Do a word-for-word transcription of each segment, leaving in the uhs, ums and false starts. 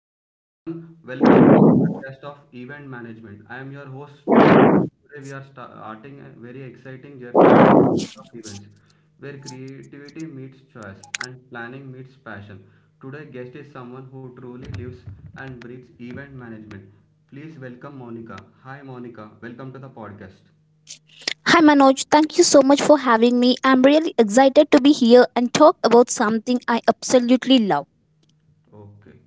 Hello everyone, welcome to the podcast of Event Management. I am your host Manoj. Today we are sta- starting a very exciting journey in the world of events where creativity meets choice and planning meets passion. Today guest is someone who truly lives and breathes event management. Please welcome Monica. Hi Monica, welcome to the podcast. Hi Manoj, thank you so much for having me. I'm really excited to be here and talk about something I absolutely love. Okay,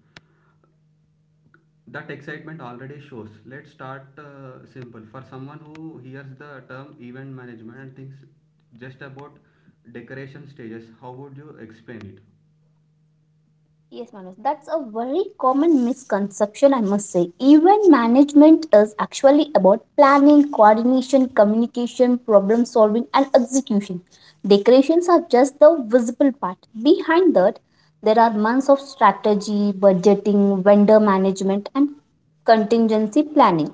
that excitement already shows. Let's start uh, simple. For someone who hears the term event management and thinks just about decoration stages, how would you explain it? Yes, Manoj, that's a very common misconception, I must say. Event management is actually about planning, coordination, communication, problem solving, and execution. Decorations are just the visible part. Behind that, there are months of strategy, budgeting, vendor management, and contingency planning.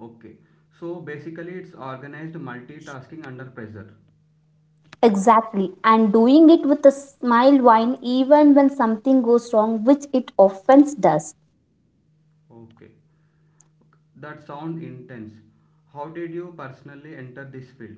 Okay, so basically it's organized multitasking under pressure. Exactly, and doing it with a smile wine even when something goes wrong, which it often does. Okay, that sound intense. How did you personally enter this field?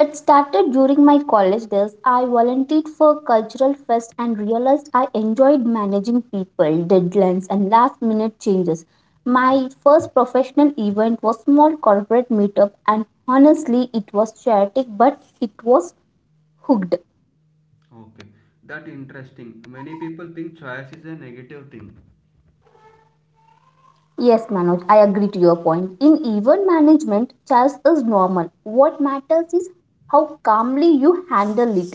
It started during my college days. I volunteered for cultural fest and realized I enjoyed managing people, deadlines, and last minute changes. My first professional event was small corporate meetup and honestly it was chaotic but it was hooked. Okay, that interesting. Many people think choice is a negative thing. Yes, Manoj, I agree to your point. In event management, chaos is normal. What matters is how calmly you handle it.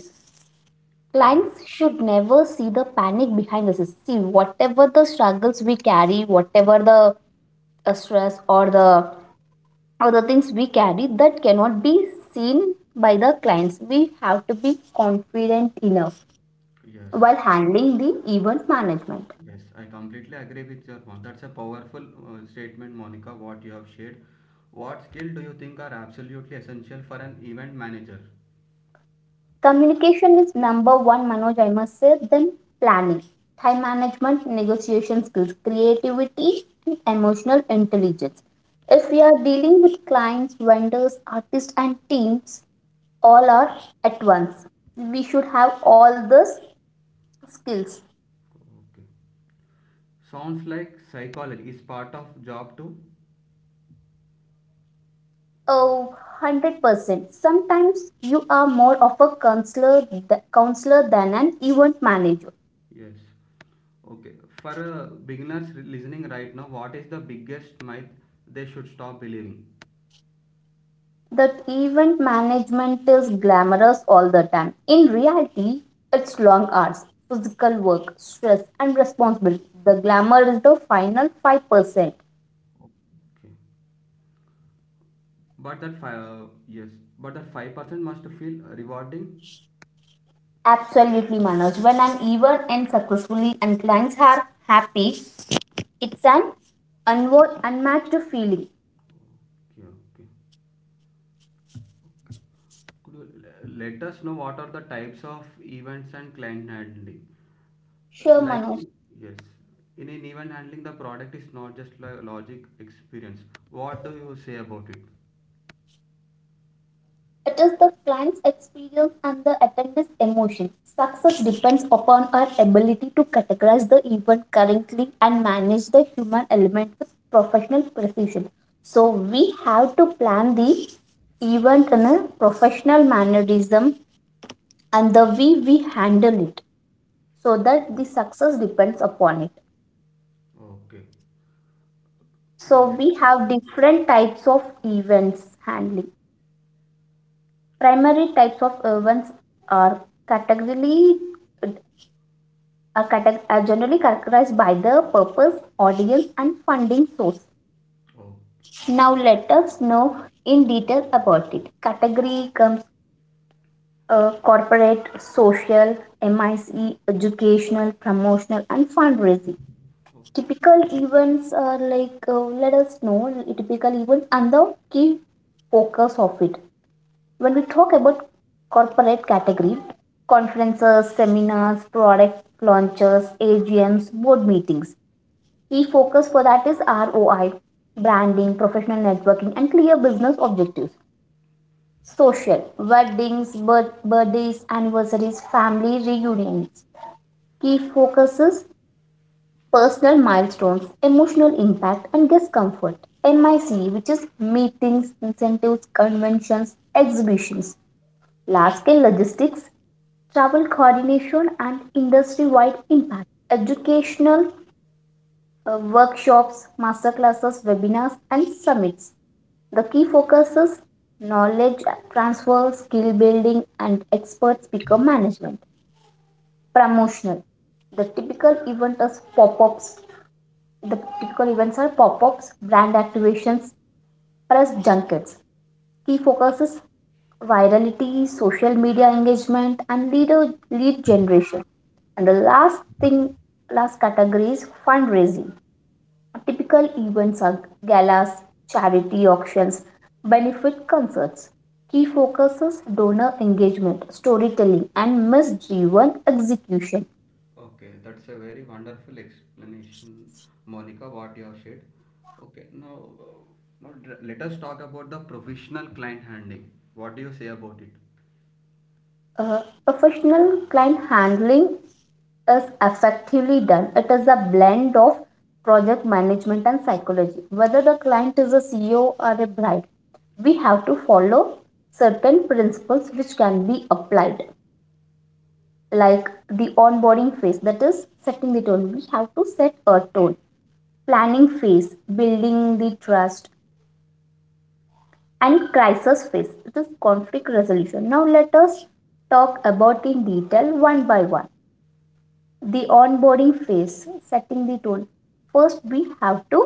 Oh, Clients should never see the panic behind the system. See, whatever the struggles we carry, whatever the uh, stress or the or the things we carry, that cannot be seen by the clients. We have to be confident enough yes. while handling the event management. Yes, I completely agree with your point. That's a powerful uh, statement, Monica, what you have shared. What skill do you think are absolutely essential for an event manager? Communication is number one, Manoj, I must say. Then planning, time management, negotiation skills, creativity, and emotional intelligence. If we are dealing with clients, vendors, artists, and teams, all are at once. We should have all these skills. Okay. Sounds like psychology is part of job too. Oh, one hundred percent. Sometimes you are more of a counselor, th- counselor than an event manager Yes. Okay. For uh, beginners re- listening right now, what is the biggest myth they should stop believing? that event management is glamorous all the time. In reality, it's long hours, physical work, stress, and responsibility. The glamour is the final five percent. Okay. But that five, uh, yes, but that five percent must feel rewarding. Absolutely, Manoj. When an event ends successfully and clients are happy, it's an unwo- unmatched feeling. Okay, okay. Could you l- let us know what are the types of events and client handling? Sure, like Manoj. in- yes, in an event handling the product is not just like logic experience. What do you say about it? It is the client's experience and the attendee's emotion. Success depends upon our ability to categorize the event correctly and manage the human element with professional precision. So O- we have to plan the event in a professional mannerism and the way we handle it so that o- the success depends upon it. okay, could So you we let us, have different types of events yeah. handling. Primary types of events are categorically are, cate- are generally characterized by the purpose, audience, and funding source. Oh, Now, let us know in detail about it. Category comes uh, corporate, social, M I C E, educational, promotional, and fundraising. okay. Typical events are like, uh, let us know the typical events and the key focus of it. When we talk about corporate category, conferences, seminars, product launches, A G Ms, board meetings. Key focus for that is R O I, branding, professional networking, and clear business objectives. Social, weddings, birth, birthdays, anniversaries, family reunions. Key focuses, personal milestones, emotional impact, and guest comfort. M I C, which is meetings, incentives, conventions, exhibitions. Large scale logistics, travel coordination, and industry wide impact. Educational uh, workshops, masterclasses, webinars, and summits. The key focus is knowledge transfer, skill building, and expert speaker management. Promotional. The typical event is pop-ups. The typical events are pop-ups, brand activations, press junkets. Key focus is virality, social media engagement, and leader lead generation. And the last thing, last category is fundraising. Typical events are galas, charity auctions, benefit concerts. Key focuses donor engagement, storytelling, and miss driven execution. Okay, that's a very wonderful explanation, Monica, what you have said. Okay, now, uh, now dr- let us talk about the professional client handling. What do you say about it? Uh, Professional client handling is effectively done. It is a blend of project management and psychology. Whether the client is a C E O or a bride, we have to follow certain principles which can be applied, like the onboarding phase, that is setting the tone. We have to set a tone, planning phase building the trust, and crisis phase, it is conflict resolution. Now let us talk about in detail one by one. The onboarding phase, setting the tone. First we have to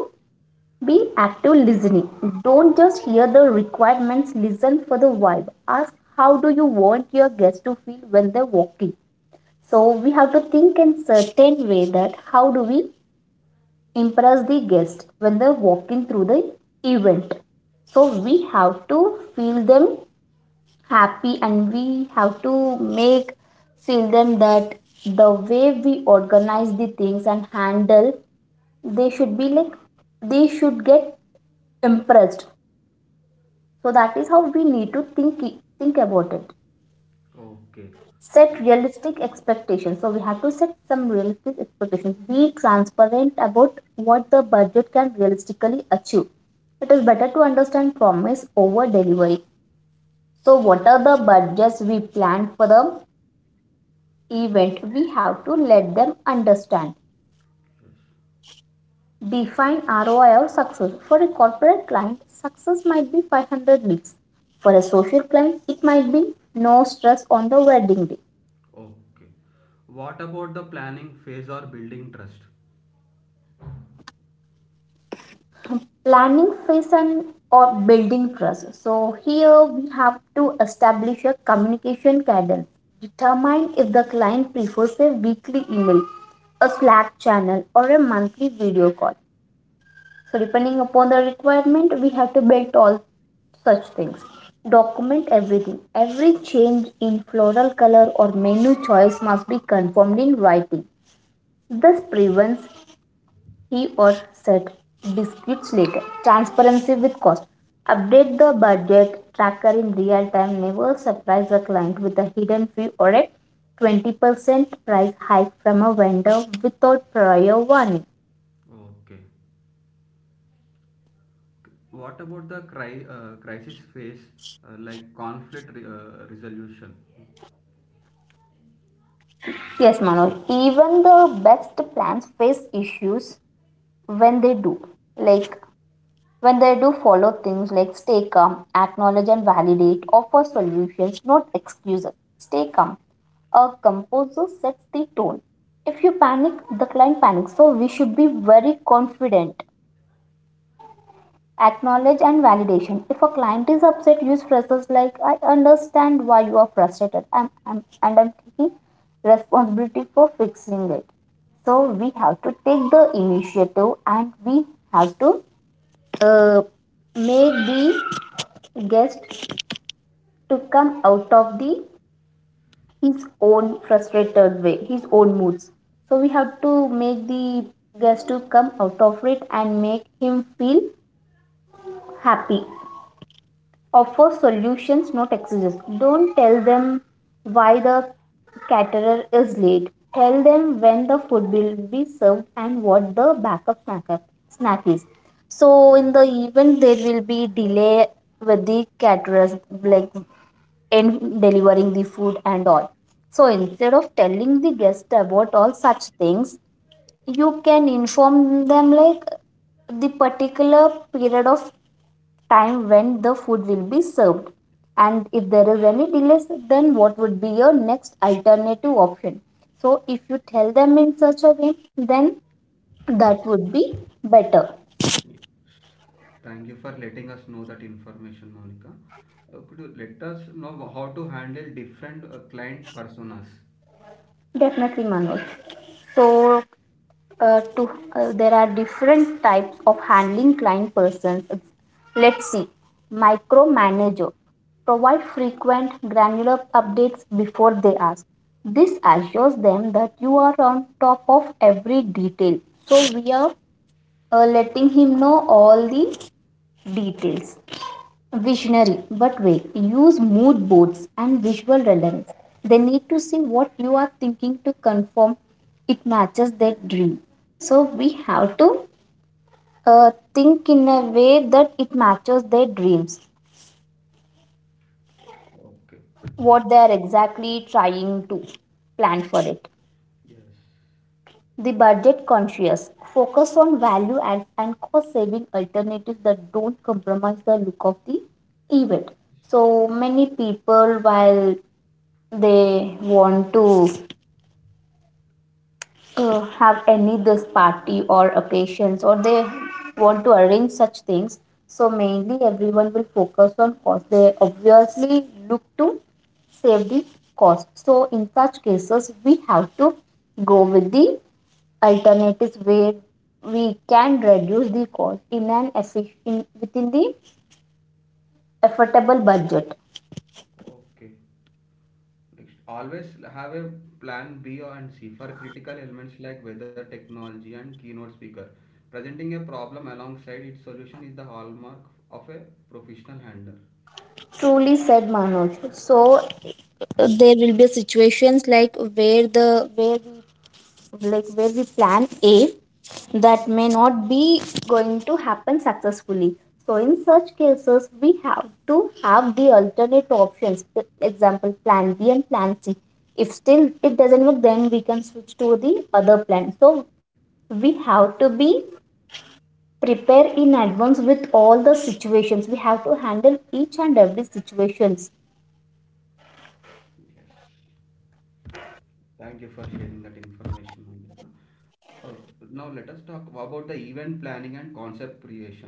be active listening. Don't just hear the requirements, listen for the vibe. Ask, how do you want your guests to feel when they walk in? So we have to think in certain way, that how do we impress the guest when they're walking through the event. So we have to feel them happy and we have to make feel them that the way we organize the things and handle, they should be like, they should get impressed. So that is how we need to think think about it. Okay. Set realistic expectations. So we have to set some realistic expectations. Be transparent about what the budget can realistically achieve. It is better to understand promise over delivery. So what are the budgets we plan for the event, we have to let them understand. Define ROI of success. For a corporate client, success might be five hundred leads. For a social client, it might be no stress on the wedding day. Okay, what about the planning phase or building trust? Planning phase and or building trust. So here we have to establish a communication cadence. Determine if the client prefers a weekly email, a Slack channel, or a monthly video call. So depending upon the requirement, we have to build all such things. Document everything. Every change in floral color or menu choice must be confirmed in writing. This prevents he or said disputes later. Transparency with cost. Update the budget tracker in real time. Never surprise a client with a hidden fee or a twenty percent price hike from a vendor without prior warning. Okay. What about the cri- uh, crisis phase, uh, like conflict re- uh, resolution? Yes, Manoj, even the best plans face issues when they do. Like when they do, follow things like stay calm, acknowledge and validate, offer solutions, not excuses. Stay calm. A composer sets the tone. If you panic, the client panics. So we should be very confident. Acknowledge and validation. If a client is upset, use phrases like I understand why you are frustrated. I'm, I'm and I'm taking responsibility for fixing it. So we have to take the initiative and we have to uh, make the guest to come out of the his own frustrated way, his own moods. So we have to make the guest to come out of it and make him feel happy. Offer solutions, not excuses. Don't tell them why the caterer is late. Tell them when the food will be served and what the backup snack, snack is. So, Oh, in the event, there will be delay with the caterers, like in delivering the food and all. So instead of telling the guest about all such things, you can inform them like the particular period of time when the food will be served, and if there is any delays then what would be your next alternative option. So if you tell them in such a way, then that would be better. thank you for letting us know that information, Monica. Uh, could you let us know how to handle different uh, client personas? Definitely Manoj, so uh, to uh, there are different types of handling client persons. Let's see. Micromanager, provide frequent granular updates before they ask. This assures them that you are on top of every detail. So we are uh, letting him know all the details. Visionary, but wait, use mood boards and visual relevance. They need to see what you are thinking to confirm it matches their dream. So we have to uh, think in a way that it matches their dreams, Okay, what they are exactly trying to plan for it. yes. The budget conscious, focus on value add and cost saving alternatives that don't compromise the look of the event. So many people, while they want to uh, have any this party or occasions, or they want to arrange such things, so mainly everyone will focus on cost. They obviously look to save the cost. So in such cases we have to go with the alternatives where we can reduce the cost in an efficient within the affordable budget. Okay. Next, always have a plan B and C for critical elements like weather technology and keynote speaker. Presenting a problem alongside its solution is the hallmark of a professional handler. Truly said Manoj. So uh, there will be situations like where the where we like where we plan A that may not be going to happen successfully. So in such cases, we have to have the alternate options. For example, plan B and plan C. If still it doesn't work, then we can switch to the other plan. So we have to be prepared in advance with all the situations. We have to handle each and every situations. Yes. Thank you for sharing that information, Monica. Uh, now let us talk about the event planning and concept creation.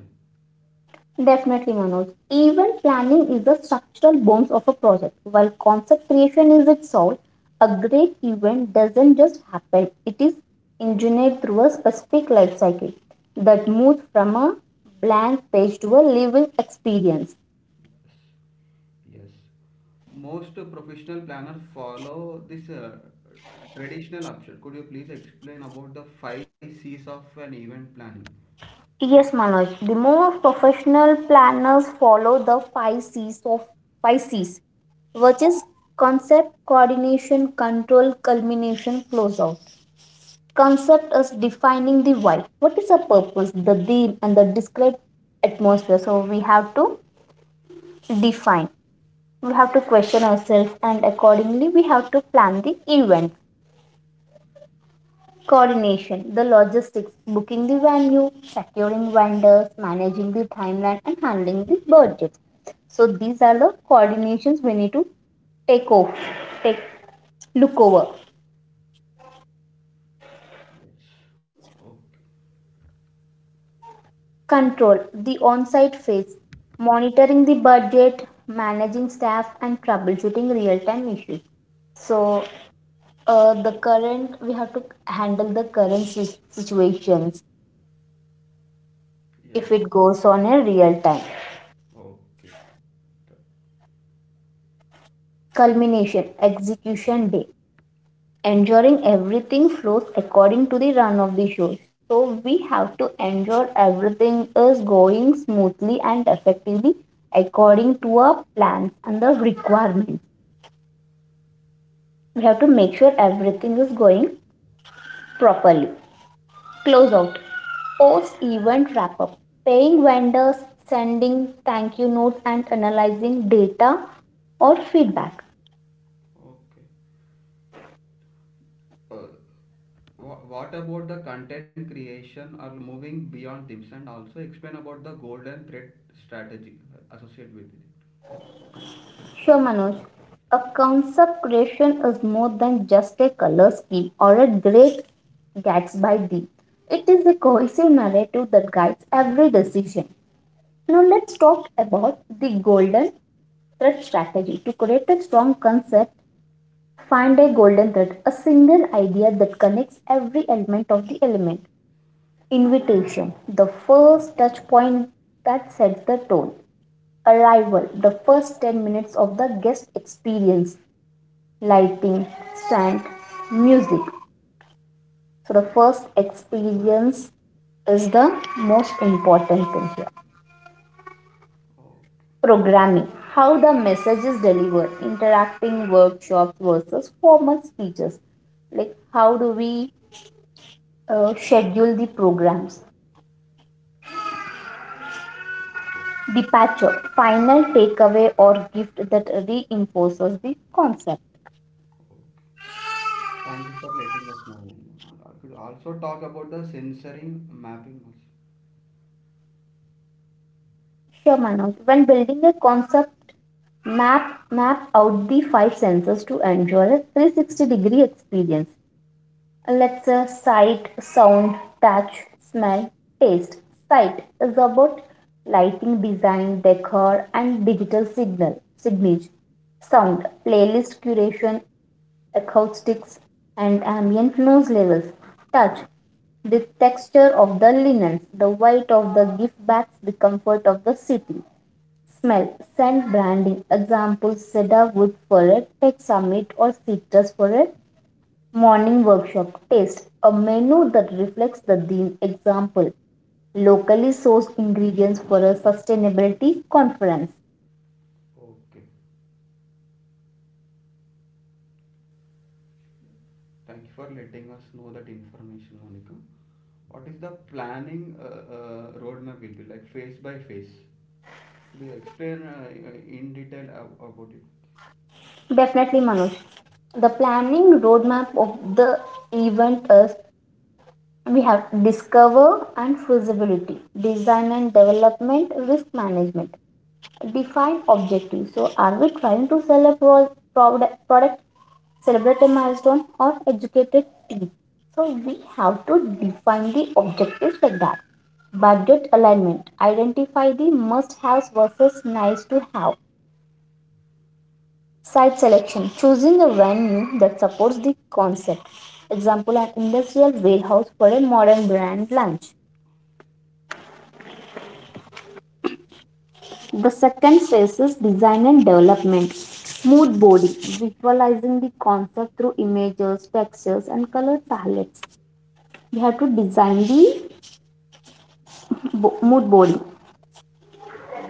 Definitely, Manoj. Event planning is the structural bones of a project. While concept creation is its soul, a great event doesn't just happen, it is engineered through a specific life cycle that moves from a blank page to a living experience. Yes. Most professional planners follow this uh, traditional option. Could you please explain about the five C's of an event planning? We need Yes, to- Manoj. The most professional planners follow the five C's of five C's, which is concept, coordination, control, culmination, closeout. Concept is defining the why. What is the purpose, the theme, and the described atmosphere? So we have to define. We have to question ourselves, and accordingly, we have to plan the event. Coordination, the logistics, booking the venue, securing vendors, managing the timeline, and handling the budget. So these are the coordinations we need to take off, take look over. Yes. Okay. Control, the on site phase, monitoring the budget, managing staff, and troubleshooting real time issues. So, uh, the current, we have to handle the current si- situations if Yes. it goes on a real time. Okay. Th- Culmination, execution day, ensuring everything flows according to the run of the show. So, we have to ensure everything is going smoothly and effectively according to our plans and the requirements. We have to make sure everything is going properly. Close out. Post event wrap up. Paying vendors, sending thank you notes, and analyzing data or feedback. Okay. Uh, wha- what about the content creation or moving beyond tips, and also explain about the golden thread strategy uh, associated with it. Sure, Manoj. A concept creation is more than just a color scheme or a great Gatsby deal. It is a cohesive narrative that guides every decision. Now, let's talk about the golden thread strategy. To create a strong concept, find a golden thread, a single idea that connects every element of the element. Invitation, the first touch point that sets the tone. Arrival, the first ten minutes of the guest experience. Lighting, sound, music. So, the first experience is the most important thing here. Oh, Programming, how the message is delivered, interacting workshops versus formal speeches. Like, how do we uh, schedule the programs, departure, final takeaway or gift that reinforces the concept. oh. Thank you for letting us know. Uh, I could also talk about the sensory mapping also. Sure, Manoj. When building a concept map, map out the five senses to enjoy a three hundred sixty degree experience. Let's uh, sight, sound, touch, smell, taste. Sight is about lighting design, decor, and digital signal signage. Sound, playlist curation, acoustics, and ambient noise levels. Touch, the texture of the linens, the weight of the gift bags, the comfort of the city. Smell, scent branding, example cedar wood for a tech summit or citrus for a morning workshop. Taste, a menu that reflects the theme. Example, locally sourced ingredients for a sustainability conference. Okay. Thank you for letting us know that information, Monica. What is the planning uh, uh, roadmap will be like phase by phase? Could you explain uh, uh, in detail ab- about it? Definitely, Manoj. The planning roadmap of the event is we have discover and feasibility, design and development, risk management. Define objective, so are we trying to sell a pro- product product, celebrate a milestone, or educate a team? So we have to define the objectives like that. Budget alignment, identify the must haves versus nice to have. Site selection, choosing a venue that supports the concept. Example, an industrial warehouse for a modern brand lunch. The second phase is design and development. Mood boarding, visualizing the concept through images, textures, and color palettes. We have to design the bo- mood boarding.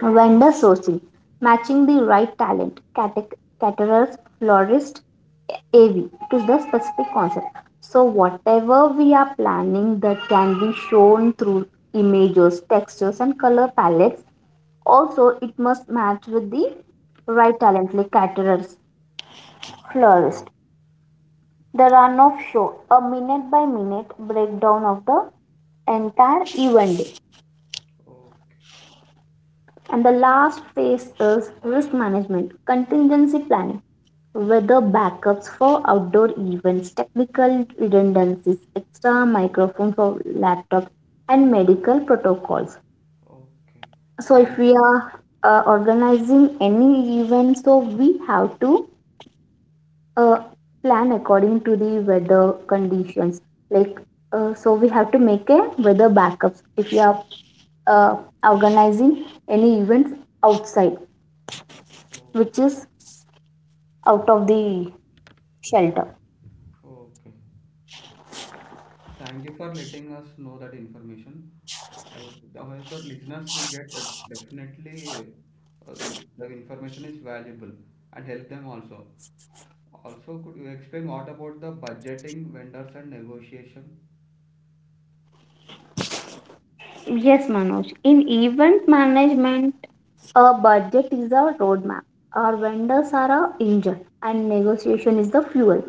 Vendor sourcing, matching the right talent, cate- caterers, florist, A V to the specific concept. So, whatever we are planning that can be shown through images, textures, and color palettes. Also, it must match with the right talent like caterers, florist, the run of show, a minute by minute breakdown of the entire event day. Oh, And the last phase is risk management, contingency planning, whether backups for outdoor events, technical redundancies, extra microphone for laptops, and medical protocols. okay. So if Thank you. we are uh, organizing any event, so we have to uh, plan according to the weather conditions. Like, uh, so we have to make a weather backups if you are uh, organizing any events outside, Okay, which is out of the shelter. okay. Thank you for letting us know that information. I I hope that listeners will get that. Definitely uh, it the information is valuable and help them also. Also, could you explain what about the budgeting, vendors and negotiation? Yes, Manoj. In event management, a budget is a roadmap. Our vendors are our engine, and negotiation is the fuel.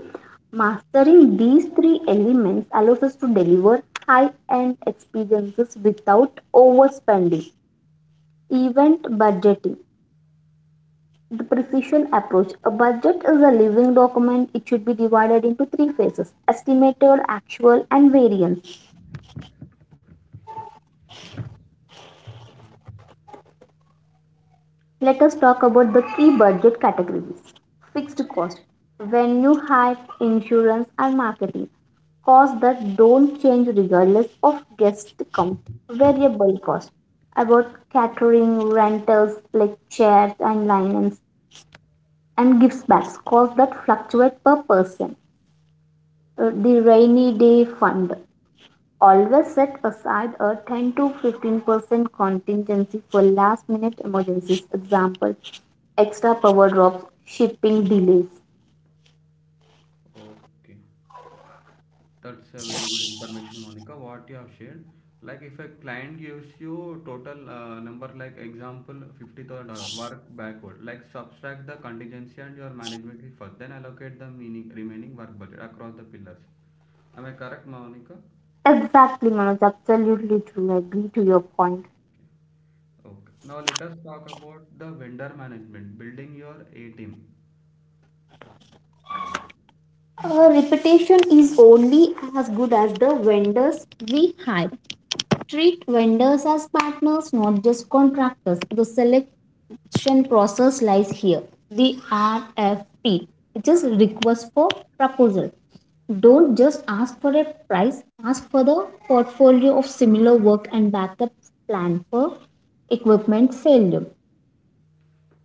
Mastering these three elements allows us to deliver high end experiences without overspending. Event budgeting. The precision approach. A budget is a living document. It should be divided into three phases, estimated, actual, and variance. Let us talk about the key budget categories. Fixed cost, venue hire, insurance, and marketing. Costs that don't change regardless of guest count. Variable cost, about catering, rentals like chairs and linens, and gives backs. Costs that fluctuate per person. Uh, The rainy day fund, always set aside a ten to fifteen percent contingency for last minute emergencies. Example, extra power drops, shipping delays. Okay. That's a very good information, Monica, what you have shared. Like if a client gives you total uh, number, like example fifty thousand uh, work backward, like subtract the contingency and your management fee first, then allocate the meaning remaining work budget across the pillars. Am I correct, Monica? Exactly, Manoj. Absolutely true. I agree to your point. Okay. Now let us talk about the vendor management, building your A team. Uh, reputation is only as good as the vendors we hire. Treat vendors as partners, not just contractors. The selection process lies here. The R F P, which is request for proposal. Don't just ask for a price, ask for the portfolio of similar work and backup plan for equipment failure.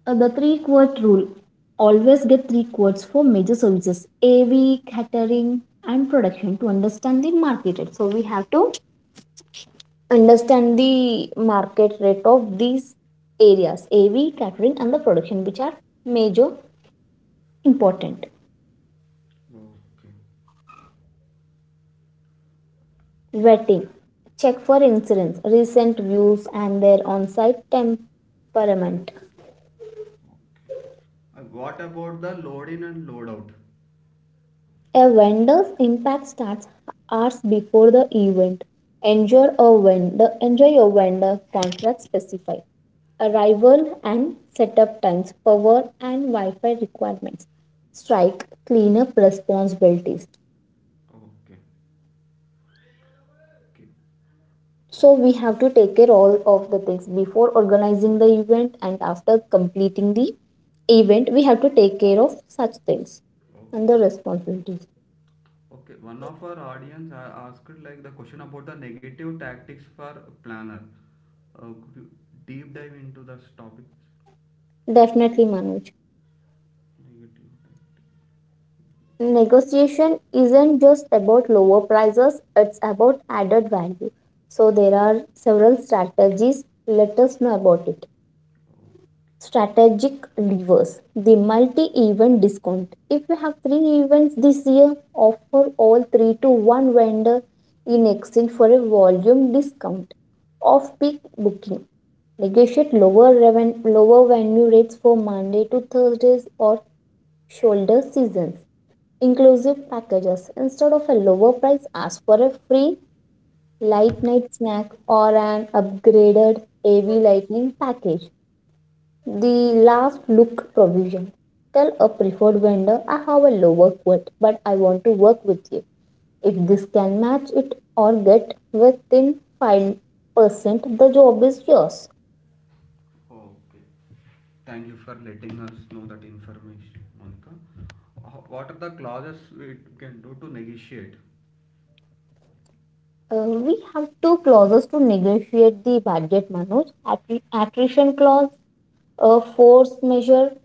Uh, the three quart rule, always get three quotes for major services, A V, catering, and production to understand the market. So we have to understand the market rate of these areas, A V, catering, and the production, which are major important. Okay. Vetting, check for insurance, recent views, and their on site temperament. Uh, what about the load in and load out? A vendor's impact starts hours before the event. Enjoy a vendor, enjoy your vendor contract specified. Arrival and setup times, power and Wi Fi requirements, strike, cleanup responsibilities. Okay. Okay. Okay. So we have to take care all of the things before organizing the event, and after completing the event we have to take care of such things and the Okay. responsibilities. Okay, one of our audience a- asked like the question about the negative tactics for planner. Uh, could you deep dive into this topic? Definitely, Manoj. Negative tactics. Negotiation isn't just about lower prices, it's about added value. So there are several strategies, let us know about it. Strategic levers. The multi event discount. If you have three events this year, offer all three to one vendor in exchange for a volume discount. Off peak booking. Negotiate lower, reven- lower venue rates for Monday to Thursdays or shoulder seasons. Inclusive packages. Instead of a lower price, ask for a free light night snack or an upgraded A V lightning package. The last look provision. Tell a preferred vendor I have a lower quote, but I want to work with you. If this can match it or get within five percent, the job is yours. Oh, okay. Thank you for letting us know that information, Monica. Ho- What are the clauses we can do to negotiate? Uh, we have two clauses to negotiate the budget, Manoj. Attrition clause, a force measure,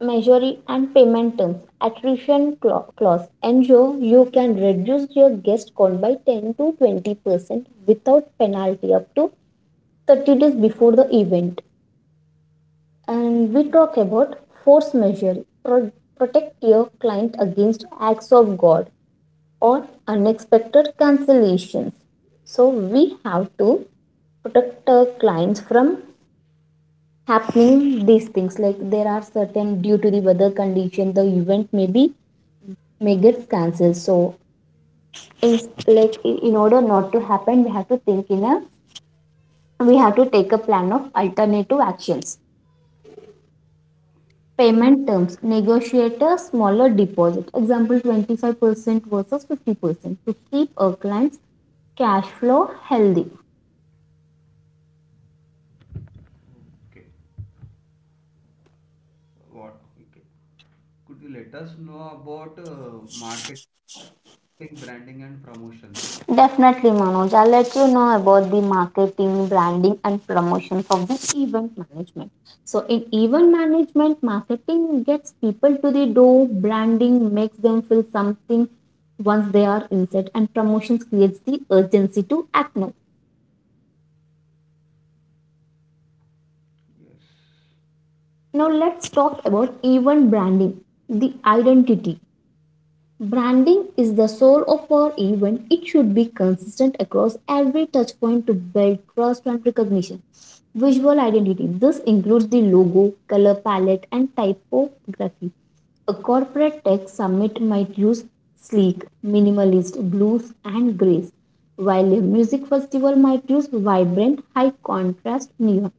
measure and payment terms. Attrition clause ensure you can reduce your guest count by ten to twenty percent without penalty up to thirty days before the event. And we talk about force measure. Pro- Protect your client against acts of God or unexpected cancellations. So we have to protect our clients from happening these things, like there are certain due to the weather condition the event maybe may get cancelled, so in, like in in order not to happen we have to think in a we have to take a plan of alternative actions. Payment terms, negotiate a smaller deposit. Example twenty-five percent versus fifty percent to keep our clients' cash flow healthy. Okay. What? Okay. Could you let us know about uh, marketing, branding, and promotions? Definitely, Manoj. I'll let you know about the marketing, branding, and promotion of the event management. So, in event management, marketing gets people to the door, branding makes them feel something once they are inside, and promotions creates the urgency to act now. Yes. Now, let's talk about event branding, the identity. Branding is the soul of our event. It should be consistent across every touch point to build trust and recognition. Visual identity. This includes the logo, color palette, and typography. A corporate tech summit might use sleek, minimalist blues and grays, while a music festival might use vibrant, high contrast neon.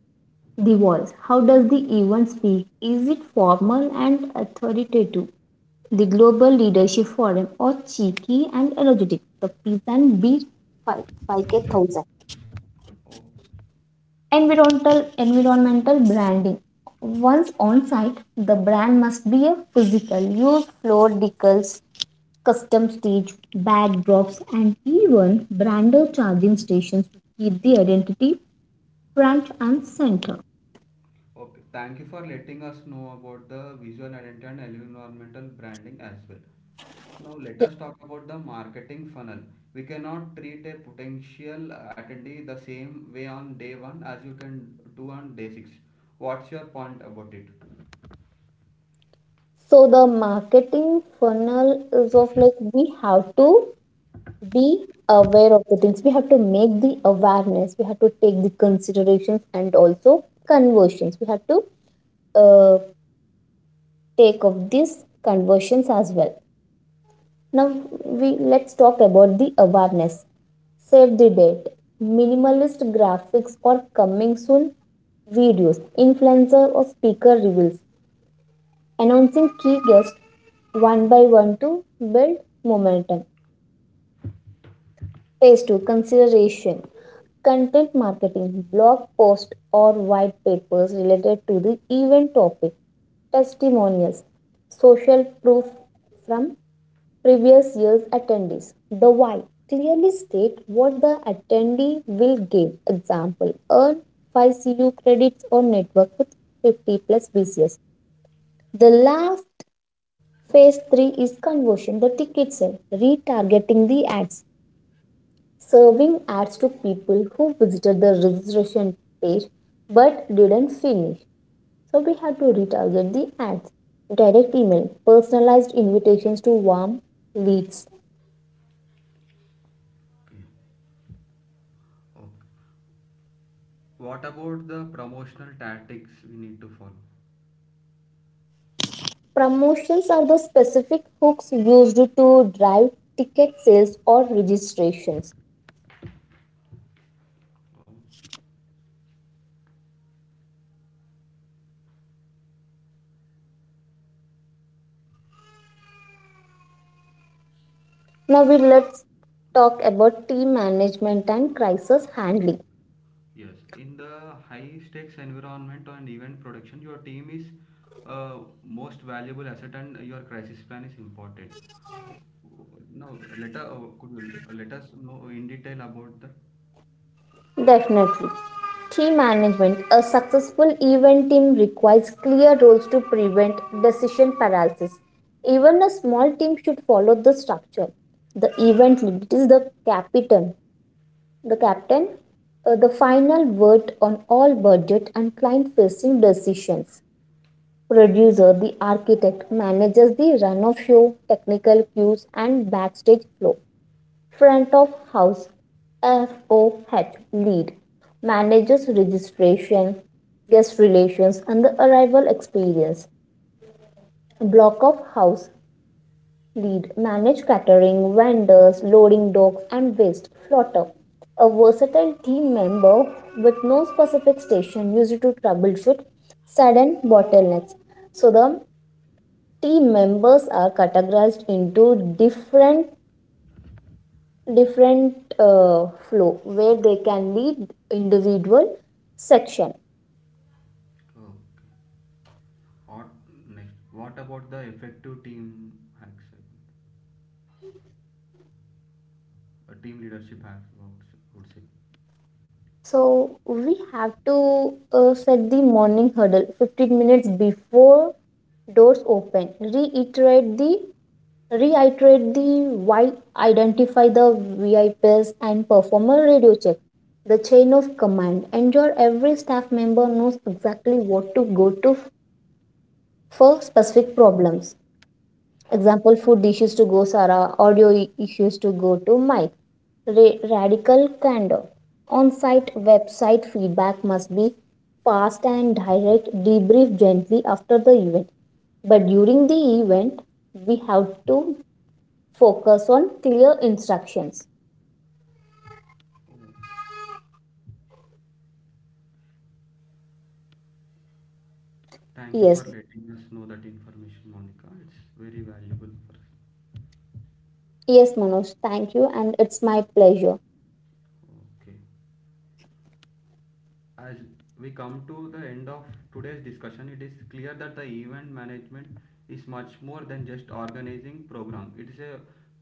The voice. How does the event speak? Is it formal and authoritative? The Global Leadership Forum, or cheeky and energetic? The Pizza and Beer five, five K one thousand. Oh. Environmental environmental branding. Once on site, the brand must be a physical use, floor decals, custom stage, backdrops, and even brander charging stations to keep the identity front and center. Okay, thank you for letting us know about the visual identity and environmental branding as well. Now, let us talk about the marketing funnel. We cannot treat a potential attendee the same way on day one as you can do on day six. What's your point about it? So the marketing funnel is of, like, we have to be aware of the things. We have to make the awareness. We have to take the considerations and also conversions. We have to uh, take of these conversions as well. Now we let's talk about the awareness. Save the date. Minimalist graphics or coming soon videos, influencer or speaker reveals, announcing key guests one by one to build momentum. Phase two, consideration. Content marketing, blog posts or white papers related to the event topic, testimonials, social proof from previous year's attendees. The why, clearly state what the attendee will give. Example, earn five C U credits or network with fifty plus B C S. The last phase three is conversion, the ticket sale, retargeting the ads, serving ads to people who visited the registration page but didn't finish. So we have to retarget the ads. Direct email, personalized invitations to warm leads. Okay. Oh. What about the promotional tactics we need to follow? Promotions are the specific hooks used to drive ticket sales or registrations. Oh, Now we let's talk no. about team management and crisis handling. Yes, in the high stakes environment and event production, your team is uh, most valuable asset and your crisis plan is important. No, let us, could you l- let us know in detail about the, Definitely. Team management. A successful event team requires clear roles to prevent decision paralysis. Even a small team should follow the structure. The event lead is the captain. The captain, uh, the final word on all budget and client facing decisions. Producer, the architect, manages the run of show, technical cues, and backstage flow. Front of house, F O H, lead, manages registration, guest relations, and the arrival experience. Block of house, lead, manage catering, vendors, loading docks, and waste. Floater, a versatile team member with no specific station used to troubleshoot sudden bottlenecks. So the team members are categorized into different different uh, flow where they can lead individual section. uh, or next. What about the effective team hacks? Uh, team leadership hacks, I would s- would say. So we have to uh, set the morning hurdle fifteen minutes before doors open, reiterate the reiterate the why, identify the V I Ps, and perform a radio check. The chain of command, ensure every staff member knows exactly what to go to for specific problems. Example, food issues to go Sarah, audio i- issues to go to Mike. Ra- radical candor. On site website feedback must be fast and direct, debrief gently after the event. But during the event, we have to focus on clear instructions. Oh, okay. Thank you for Yes, letting us know that information, Monica. It's very valuable for yes, Manoj, thank you, and it's my pleasure. us. Okay, as we come to the end of today's discussion, it is clear that the event management is much more than just organizing program. It is a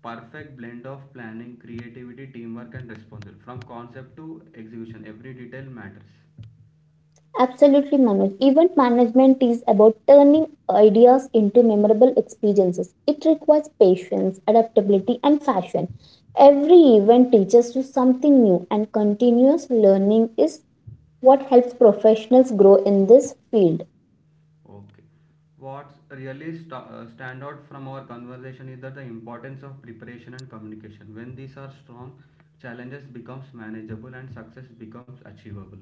perfect blend of planning, creativity, teamwork, and responsibility. From concept to execution, every detail matters. Absolutely, Manoj. Event management is about turning ideas into memorable experiences. It requires patience, adaptability, and fashion. Every event teaches you something new, and continuous learning is what helps professionals grow in this field. Okay. What really st- uh, stand out from our conversation is that the importance of preparation and communication. When these are strong, challenges becomes manageable and success becomes achievable.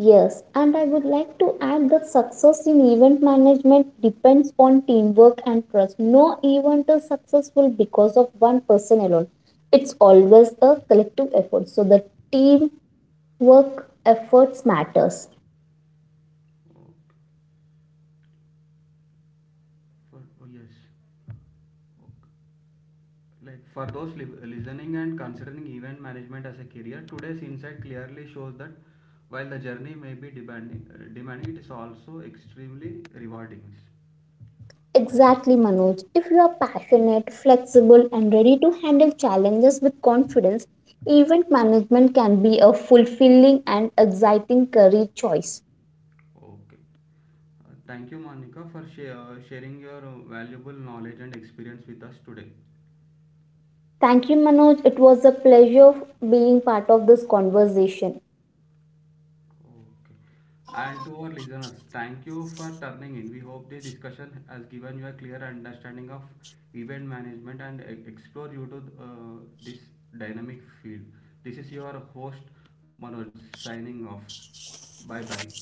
Yes, and I would like to add that success in event management depends on teamwork and trust. No event is successful because of one person alone. It's always a collective effort. So the team work efforts matters. Oh, for- oh yes. Like for those li- listening and considering event management as a career, today's insight clearly shows that while the journey may be demanding, uh, demanding, it is also extremely rewarding. Exactly, Manoj. If you are passionate, flexible, and ready to handle challenges with confidence, event management can be a fulfilling and exciting career choice. Okay. Uh, thank you, Monica, for sha- uh, sharing your uh, valuable knowledge and experience with us today. Thank you, Manoj. It was a pleasure being part of this conversation. Okay. And to our listeners, thank you for turning in. We hope this discussion has given you a clear understanding of event management and e- explore you to uh, this dynamic field. This is your host Manoj, signing off. Bye bye.